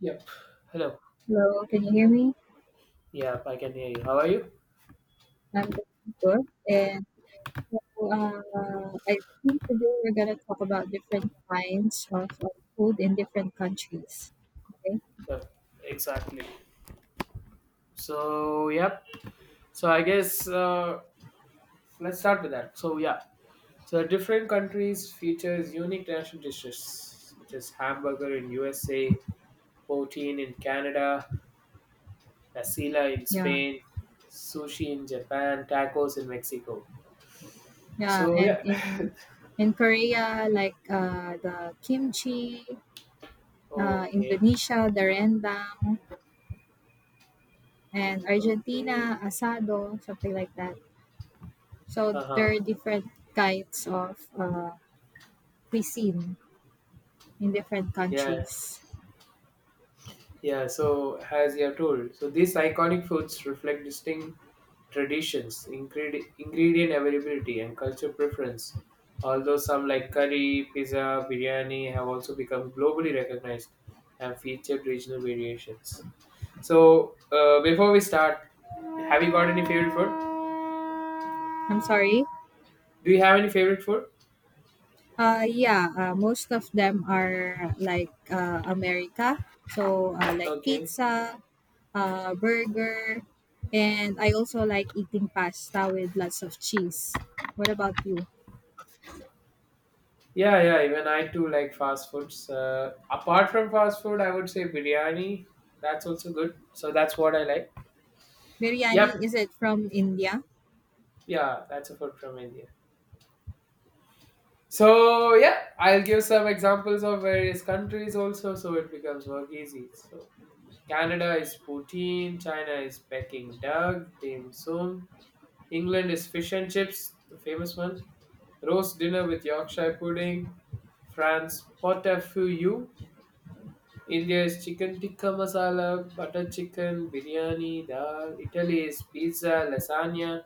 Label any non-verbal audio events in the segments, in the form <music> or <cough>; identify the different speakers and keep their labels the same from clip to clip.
Speaker 1: Yep. Hello.
Speaker 2: Hello, can you hear me?
Speaker 1: Yep, I can hear you. How are you?
Speaker 2: I'm doing good. And so, I think today we're gonna talk about different kinds of food in different countries. Okay?
Speaker 1: Yep. Exactly. So, yep. I guess let's start with that. Different countries features unique national dishes such as hamburger in USA, poutine in Canada, asila in
Speaker 2: Yeah,
Speaker 1: Spain, sushi in Japan, tacos in Mexico.
Speaker 2: yeah.
Speaker 1: So,
Speaker 2: And
Speaker 1: yeah. <laughs>
Speaker 2: in Korea, like the kimchi,
Speaker 1: Okay.
Speaker 2: Indonesia, the rendang, and
Speaker 1: Okay.
Speaker 2: Argentina, asado, something like that. So
Speaker 1: Uh
Speaker 2: there
Speaker 1: huh.
Speaker 2: are different kinds of cuisine in different
Speaker 1: Yeah.
Speaker 2: countries.
Speaker 1: Yeah, so as you have told, so these iconic foods reflect distinct traditions, ingredient availability, and culture preference. Although some like curry, pizza, biryani have also become globally recognized and featured regional variations. So, before we start, have you got any favorite food?
Speaker 2: I'm sorry.
Speaker 1: Do you have any favorite food?
Speaker 2: Yeah, most of them are like America. So, like
Speaker 1: Okay.
Speaker 2: pizza, burger, and I also like eating pasta with lots of cheese. What about you?
Speaker 1: Yeah, yeah, even I too like fast foods. Apart from fast food, I would say biryani. That's also good. So, that's what I like. Yep.
Speaker 2: Biryani, is it from India?
Speaker 1: Yeah, that's a food from India. So yeah, I'll give some examples of various countries also, so it becomes work easy. So Canada is poutine, China is Peking duck, dim sum. England is fish and chips, the famous one. Roast dinner with Yorkshire pudding. France pot au feu. India is chicken tikka masala, butter chicken, biryani, dal. Italy is pizza, lasagna.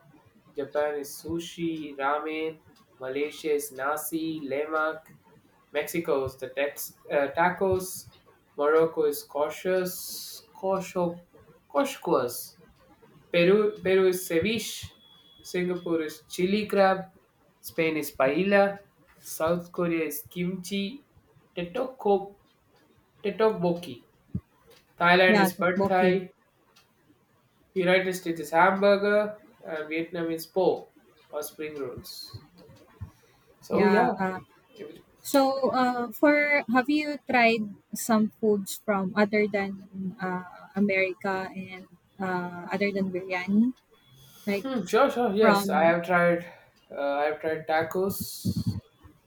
Speaker 1: Japan is sushi, ramen. Malaysia is nasi, lemak. Mexico is the tacos. Morocco is koshas, kosho, koshkwas. Peru is ceviche. Singapore is chili crab. Spain is paella. South Korea is kimchi. Tetokboki. Thailand
Speaker 2: Yeah,
Speaker 1: is pad
Speaker 2: tteokbokki.
Speaker 1: thai, United States is hamburger, and Vietnam is po or spring rolls. So
Speaker 2: Yeah.
Speaker 1: yeah, if it-
Speaker 2: For have you tried some foods from other than America and other than biryani? Like
Speaker 1: sure. Yes, I
Speaker 2: from
Speaker 1: have tried. I have tried tacos.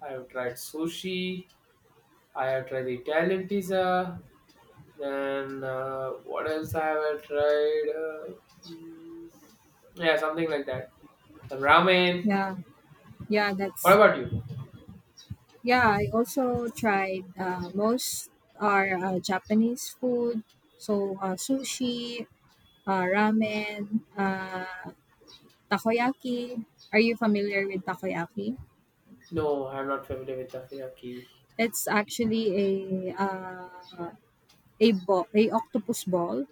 Speaker 1: I have tried sushi. I have tried the Italian pizza. Then what else I have I tried? Mm, yeah, something like that. Some ramen.
Speaker 2: yeah, yeah,
Speaker 1: What
Speaker 2: that's
Speaker 1: about you?
Speaker 2: yeah, I also tried most are Japanese food, so sushi, ramen, takoyaki. Are you familiar with takoyaki?
Speaker 1: No, I'm not familiar with takoyaki.
Speaker 2: It's actually a ball, a octopus ball.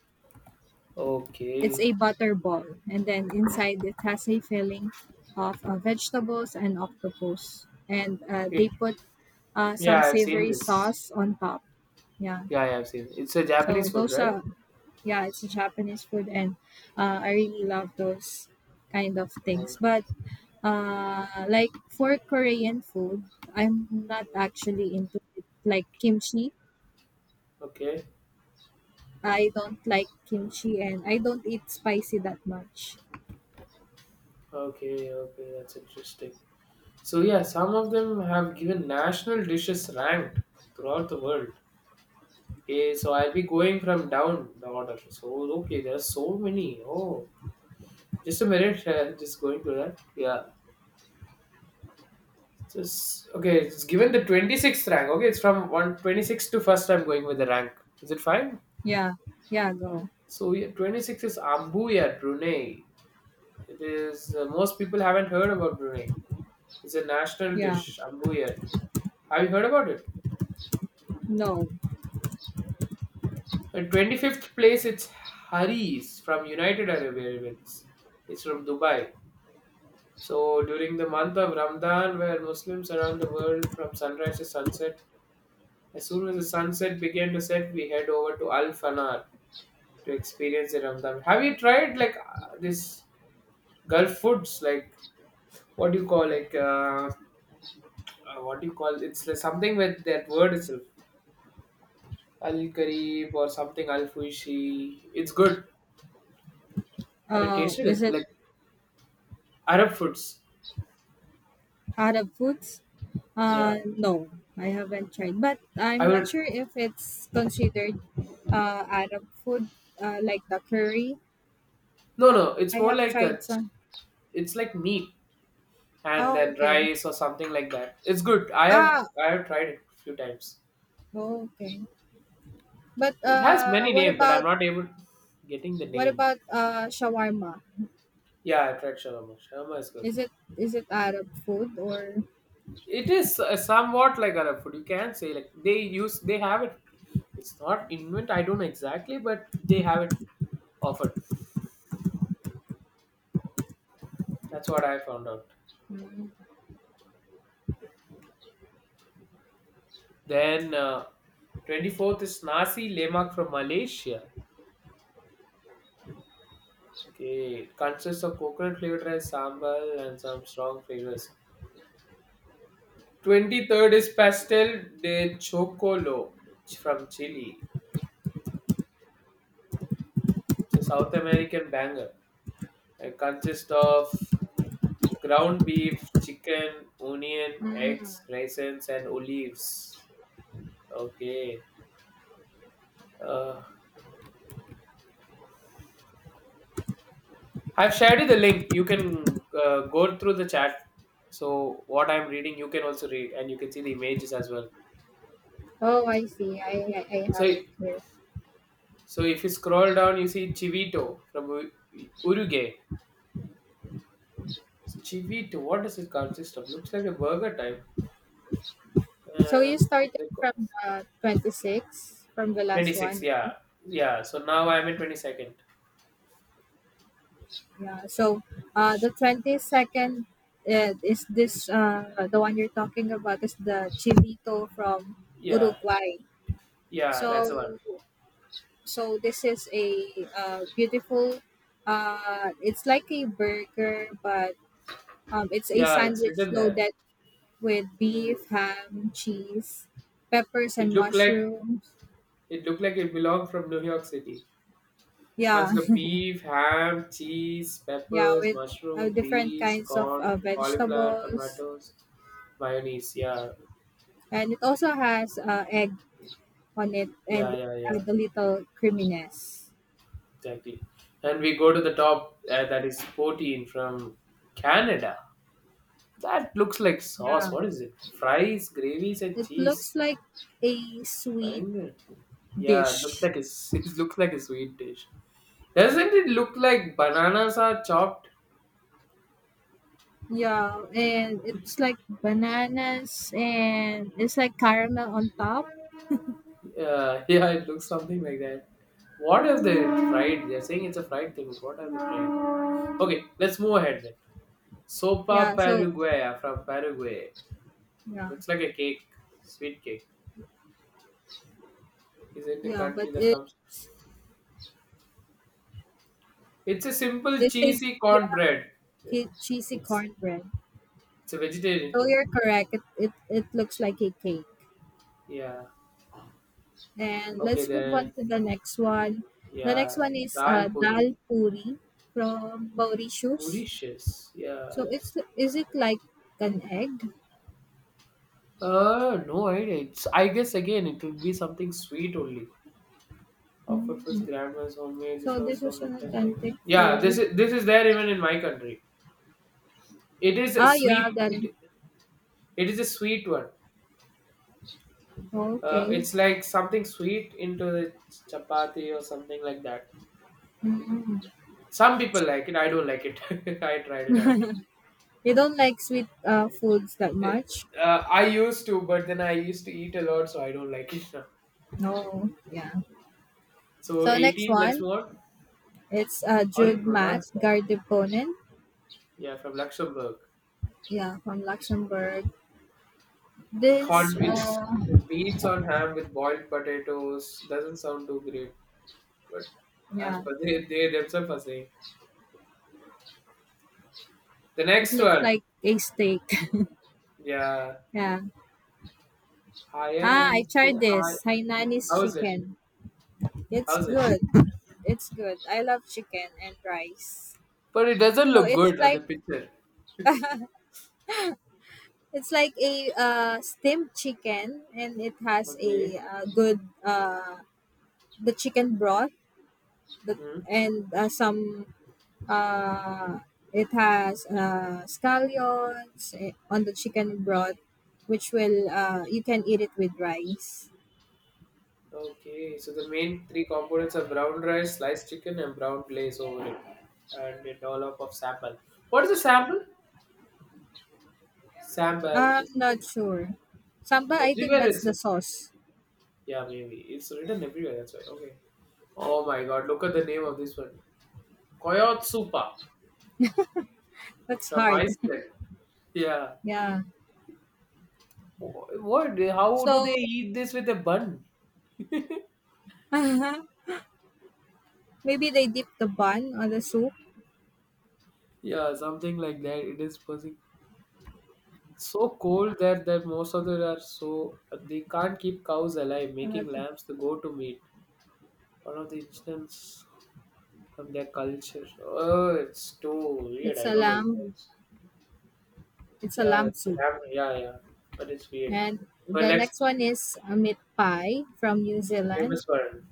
Speaker 2: It's
Speaker 1: Okay.
Speaker 2: a butter ball, and then inside it has a filling of vegetables and octopus, and they
Speaker 1: It.
Speaker 2: put some
Speaker 1: Yeah, I've seen
Speaker 2: savory
Speaker 1: this.
Speaker 2: sauce on top. Yeah.
Speaker 1: Yeah, yeah, I've seen. It. It's a
Speaker 2: So
Speaker 1: Japanese food,
Speaker 2: those
Speaker 1: right?
Speaker 2: are, yeah, it's Japanese food, and I really love those kind of things.
Speaker 1: Um,
Speaker 2: But like for Korean food, I'm not actually into it. Like kimchi,
Speaker 1: okay,
Speaker 2: I don't like kimchi, and I don't eat spicy that much.
Speaker 1: okay, okay. That's interesting. So yeah, some of them have given national dishes ranked throughout the world. Okay, so I'll be going from down the order. So okay, there are so many. Oh, just a minute. Just going through that. Yeah. Just okay. It's given the 26th rank. Okay, it's from 126 to first. I'm going with the rank. Is it fine?
Speaker 2: Yeah, yeah, go.
Speaker 1: So yeah, 26 is Ambuya, Brunei. It is most people haven't heard about Brunei. It's a national
Speaker 2: Yeah,
Speaker 1: dish, ambuyar. Have you heard about it?
Speaker 2: no.
Speaker 1: In 25th place, it's Haris from United Arab Emirates. It's from Dubai. So during the month of Ramadan, where Muslims around the world from sunrise to sunset, as soon as the sunset began to set, we head over to Al Fanar to experience the Ramadan. Have you tried like this Gulf foods, like what do you call like? What do you call it's like something with that word itself al kareeb or something al fuishi it's good have you tasted
Speaker 2: Is
Speaker 1: it
Speaker 2: it
Speaker 1: like arab foods
Speaker 2: Arab foods?
Speaker 1: yeah
Speaker 2: No, I haven't tried, but I'm
Speaker 1: I
Speaker 2: not
Speaker 1: would
Speaker 2: sure if it's considered Arab food, like the curry.
Speaker 1: no no it's
Speaker 2: I
Speaker 1: more
Speaker 2: have
Speaker 1: like
Speaker 2: tried
Speaker 1: a,
Speaker 2: some.
Speaker 1: it's like meat and
Speaker 2: Oh,
Speaker 1: then
Speaker 2: okay.
Speaker 1: rice or something like that it's good i
Speaker 2: Ah,
Speaker 1: have I have tried it a few times
Speaker 2: oh, okay. But
Speaker 1: it has many names but I'm not able getting the
Speaker 2: what
Speaker 1: name
Speaker 2: about shawarma?
Speaker 1: yeah I tried shawarma shawarma is good.
Speaker 2: Is it Arab food or?
Speaker 1: It is somewhat like Arab food. You can say like they have it. It's not invent. I don't know exactly, but they have it often. That's what I found out.
Speaker 2: Mm,
Speaker 1: Then 24th is nasi lemak from Malaysia. Okay, it consists of coconut flavored rice, sambal, and some strong flavors. 23rd is pastel de chocolo from Chile. It's a South American banger. It consists of ground beef, chicken, onion,
Speaker 2: mm.
Speaker 1: eggs, raisins, and olives. Okay. Uh, I've shared you the link. You can go through the chat. So what I'm reading, you can also read, and you can see the images as well.
Speaker 2: Oh, I see. I
Speaker 1: So,
Speaker 2: have it here.
Speaker 1: so if you scroll down, you see Chivito from U- Uruguay. Chivito, what does it consist of? Looks like a burger type.
Speaker 2: So
Speaker 1: Uh,
Speaker 2: you
Speaker 1: looks
Speaker 2: started
Speaker 1: like
Speaker 2: from the 26 from the last one,
Speaker 1: 26,
Speaker 2: right?
Speaker 1: yeah. Yeah, so now I'm in 22nd.
Speaker 2: Yeah. The 22nd is this the one you're talking about is the chilito from
Speaker 1: Yeah,
Speaker 2: Uruguay.
Speaker 1: yeah, that's
Speaker 2: So,
Speaker 1: the one.
Speaker 2: so this is a beautiful. It's like a burger, but it's a
Speaker 1: Yeah, it's
Speaker 2: sandwich
Speaker 1: written there.
Speaker 2: loaded with
Speaker 1: Hmm.
Speaker 2: beef, ham, cheese, peppers,
Speaker 1: It
Speaker 2: and
Speaker 1: looked like
Speaker 2: mushrooms.
Speaker 1: it looked like it belonged from New York City.
Speaker 2: Yeah,
Speaker 1: Consists the beef, ham, cheese,
Speaker 2: <laughs> yeah,
Speaker 1: peppers,
Speaker 2: with
Speaker 1: mushroom,
Speaker 2: different
Speaker 1: peas,
Speaker 2: kinds of
Speaker 1: corn, cauliflower,
Speaker 2: vegetables,
Speaker 1: tomatoes, mayonnaise. Yeah,
Speaker 2: and it also has egg on it
Speaker 1: yeah,
Speaker 2: and
Speaker 1: yeah, yeah.
Speaker 2: add a little creaminess.
Speaker 1: Exactly. And we go to the top. That is poutine from Canada. That looks like
Speaker 2: Yeah,
Speaker 1: sauce. What is it? Fries, gravies, and
Speaker 2: it looks
Speaker 1: cheese.
Speaker 2: like a sweet
Speaker 1: Bangan. Yeah, it looks
Speaker 2: dish.
Speaker 1: like a s- <laughs> it looks like a sweet dish. Doesn't it look like bananas are chopped?
Speaker 2: Yeah, and it's like bananas and it's like caramel on top.
Speaker 1: <laughs> Yeah, it looks something like that. What if they fried? They're saying it's a fried thing, but what are they fried? Okay, let's move ahead then.
Speaker 2: Yeah,
Speaker 1: Sopa
Speaker 2: so
Speaker 1: Paraguaya from Paraguay.
Speaker 2: yeah,
Speaker 1: Looks like a cake, sweet cake. Is in the
Speaker 2: yeah, but
Speaker 1: country that
Speaker 2: it
Speaker 1: comes. It's a simple
Speaker 2: it says
Speaker 1: cheesy
Speaker 2: yeah,
Speaker 1: cornbread.
Speaker 2: cheesy
Speaker 1: It's
Speaker 2: cornbread.
Speaker 1: it's a vegetarian
Speaker 2: So
Speaker 1: food.
Speaker 2: you're correct. It looks like a cake.
Speaker 1: Yeah.
Speaker 2: And
Speaker 1: Okay
Speaker 2: let's move on
Speaker 1: then.
Speaker 2: to the next one. The next
Speaker 1: Yeah,
Speaker 2: one is
Speaker 1: Dal Puri,
Speaker 2: dal puri from Mauritius.
Speaker 1: Mauritius. Yeah.
Speaker 2: So it's is it like an egg?
Speaker 1: No idea. It's, I guess again it would be something sweet only. Of it was
Speaker 2: Mm.
Speaker 1: grandma's homemade. This
Speaker 2: So
Speaker 1: was
Speaker 2: this is
Speaker 1: some
Speaker 2: an
Speaker 1: authentic.
Speaker 2: authentic
Speaker 1: Yeah,
Speaker 2: food.
Speaker 1: this is there even in my country. It is a
Speaker 2: Ah, you have
Speaker 1: sweet.
Speaker 2: that in
Speaker 1: It it is a sweet one.
Speaker 2: okay.
Speaker 1: It's like something sweet into the chapati or something like that.
Speaker 2: Mm.
Speaker 1: Some people like it. I don't like it. <laughs> I tried it out.
Speaker 2: You don't like sweet foods that
Speaker 1: It,
Speaker 2: much?
Speaker 1: I used to, but then I used to eat a lot, so I don't like it now.
Speaker 2: No, yeah.
Speaker 1: So
Speaker 2: So next
Speaker 1: 18, let's
Speaker 2: one,
Speaker 1: move on.
Speaker 2: it's
Speaker 1: How do you
Speaker 2: Jude Matt
Speaker 1: pronounce that?
Speaker 2: Gardeponen.
Speaker 1: Yeah, from Luxembourg.
Speaker 2: Yeah, from Luxembourg. This,
Speaker 1: Hon, it's
Speaker 2: uh,
Speaker 1: beans on ham with boiled potatoes. Doesn't sound too great, but as
Speaker 2: yeah,
Speaker 1: per they themselves are saying. The
Speaker 2: it
Speaker 1: next
Speaker 2: looked
Speaker 1: one,
Speaker 2: like a steak.
Speaker 1: yeah,
Speaker 2: <laughs> yeah.
Speaker 1: Hyen
Speaker 2: Ah, I
Speaker 1: and
Speaker 2: tried
Speaker 1: Hi.
Speaker 2: this Hainanese
Speaker 1: How's it?
Speaker 2: chicken. It's
Speaker 1: How's it?
Speaker 2: good. It's good. I love chicken and rice.
Speaker 1: But it doesn't
Speaker 2: So
Speaker 1: look good at the picture.
Speaker 2: it's like a steamed chicken, and it has
Speaker 1: Okay.
Speaker 2: a good the chicken broth, the,
Speaker 1: Hmm.
Speaker 2: and some uh, it has scallions on the chicken broth, which will you can eat it with rice.
Speaker 1: Okay. So the main three components are brown rice, sliced chicken, and brown glaze over it, and a dollop of sambal. What is a sambal? Sam Bell
Speaker 2: I'm
Speaker 1: is
Speaker 2: not sure. Samba, I think
Speaker 1: everywhere.
Speaker 2: that's
Speaker 1: It's
Speaker 2: the sauce.
Speaker 1: yeah, maybe it's written everywhere. That's why. Okay. Oh my God! Look at the name of this one, Koyotsupa
Speaker 2: That's
Speaker 1: from
Speaker 2: hard. <laughs>
Speaker 1: Iceland. Yeah.
Speaker 2: Yeah.
Speaker 1: Wh- What? How do
Speaker 2: So
Speaker 1: they eat this with a bun?
Speaker 2: <laughs> maybe they dip the bun or the soup.
Speaker 1: Yeah, something like that. It is causing so cold that most of them are so they can't keep cows alive, making
Speaker 2: Another-
Speaker 1: lambs the go-to meat. One of the instance from their culture. Oh, it's too weird.
Speaker 2: it's
Speaker 1: I
Speaker 2: a
Speaker 1: don't know.
Speaker 2: lamb. It's a
Speaker 1: Yeah,
Speaker 2: lamb
Speaker 1: it's an
Speaker 2: soup.
Speaker 1: app. Yeah, yeah, but it's weird.
Speaker 2: And
Speaker 1: But
Speaker 2: the
Speaker 1: next,
Speaker 2: next one is a meat pie from New
Speaker 1: it's a
Speaker 2: Zealand.
Speaker 1: famous one.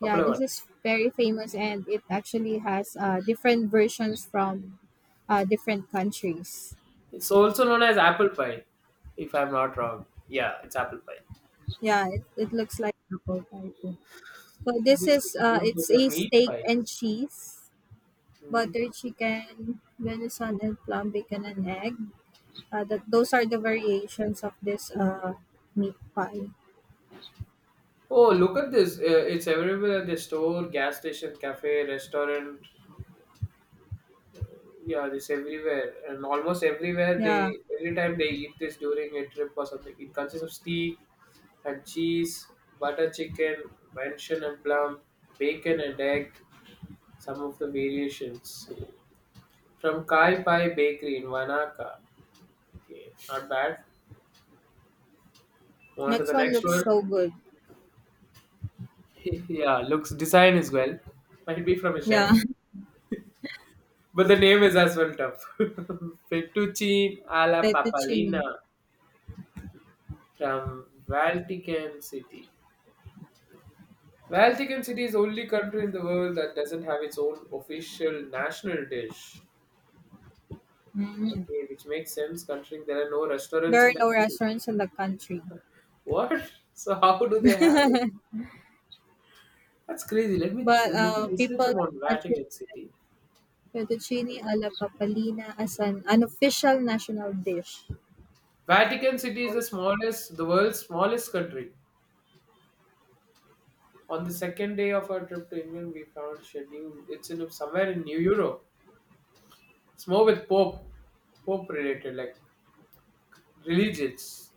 Speaker 2: Yeah,
Speaker 1: Popular one.
Speaker 2: this is very famous, and it actually has different versions from different countries.
Speaker 1: It's also known as apple pie, if I'm not wrong. Yeah, it's apple pie.
Speaker 2: Yeah, it looks like apple pie too. So this
Speaker 1: This
Speaker 2: is
Speaker 1: is known for
Speaker 2: it's
Speaker 1: their
Speaker 2: a
Speaker 1: meat
Speaker 2: steak and
Speaker 1: pies.
Speaker 2: cheese,
Speaker 1: Mhm.
Speaker 2: butter chicken, venison and plum bacon and egg. That those are the variations of this meat pie.
Speaker 1: Oh, look at this! It's available at the store, gas station, cafe, restaurant. Yeah, this everywhere and almost everywhere they
Speaker 2: Yeah.
Speaker 1: every time they eat this during a trip or something. It consists of steak and cheese, butter chicken, venison and plum, bacon and egg. Some of the variations from Kai Pai Bakery in Wanaka. Okay, not bad. On to
Speaker 2: Next
Speaker 1: the
Speaker 2: one
Speaker 1: next
Speaker 2: looks
Speaker 1: one.
Speaker 2: so good.
Speaker 1: <laughs> yeah, looks design is well. Might be from a
Speaker 2: Yeah,
Speaker 1: chef, but the name is as well tough. <laughs> Fettuccine
Speaker 2: <laughs>
Speaker 1: alla papalina.
Speaker 2: fettuccine.
Speaker 1: From Vatican City. Vatican City is the only country in the world that doesn't have its own official national dish. Okay, which makes sense considering there are no
Speaker 2: There
Speaker 1: restaurants
Speaker 2: are
Speaker 1: in the
Speaker 2: no
Speaker 1: country.
Speaker 2: restaurants in the country,
Speaker 1: What? <laughs> So how do they have it? That's crazy. Let me
Speaker 2: but
Speaker 1: let me research
Speaker 2: people
Speaker 1: about
Speaker 2: attribute
Speaker 1: Vatican City.
Speaker 2: fettuccine alla papalina as an unofficial national dish.
Speaker 1: Vatican City is the smallest, the world's smallest country. On the second day of our trip to England, we found schedule. It's in somewhere in New Europe. It's more with Pope related, like religions.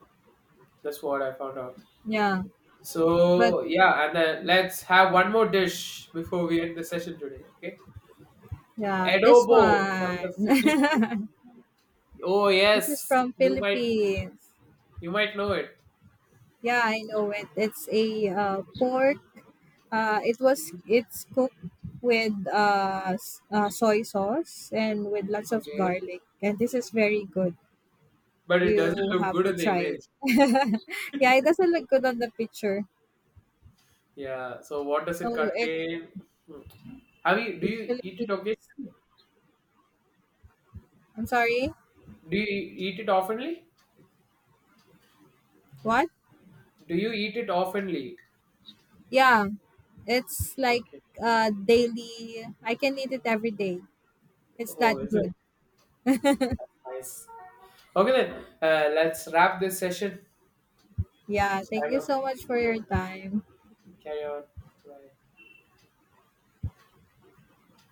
Speaker 1: That's what I found out.
Speaker 2: Yeah, but
Speaker 1: So yeah, and then let's have one more dish before we end the session today. Okay,
Speaker 2: yeah, this
Speaker 1: adobo from the Philippines.
Speaker 2: one. <laughs>
Speaker 1: Oh
Speaker 2: this is
Speaker 1: yes,
Speaker 2: from Philippines.
Speaker 1: you might know it.
Speaker 2: Yeah, I know it. It's a pork.
Speaker 1: Mhm.
Speaker 2: It's cooked with soy sauce and with lots of
Speaker 1: Okay,
Speaker 2: garlic, and this is very good.
Speaker 1: but it doesn't
Speaker 2: You
Speaker 1: look
Speaker 2: have
Speaker 1: good
Speaker 2: to
Speaker 1: in the
Speaker 2: try
Speaker 1: image.
Speaker 2: it. <laughs> yeah, it doesn't look good on the picture.
Speaker 1: Yeah. So what does it
Speaker 2: So it
Speaker 1: contain? Hmm. Have you do
Speaker 2: it's
Speaker 1: you eat it
Speaker 2: Philippines.
Speaker 1: occasionally?
Speaker 2: I'm sorry.
Speaker 1: Do you eat it oftenly?
Speaker 2: What?
Speaker 1: Do you eat it oftenly?
Speaker 2: Yeah, it's like
Speaker 1: Okay.
Speaker 2: daily. I can eat it every day. It's
Speaker 1: Oh,
Speaker 2: that
Speaker 1: is it?
Speaker 2: good.
Speaker 1: That's nice. Okay then, let's wrap this session.
Speaker 2: Yeah.
Speaker 1: It's
Speaker 2: Thank
Speaker 1: time
Speaker 2: you
Speaker 1: of-
Speaker 2: so much for your
Speaker 1: okay,
Speaker 2: time.
Speaker 1: carry on. Bye.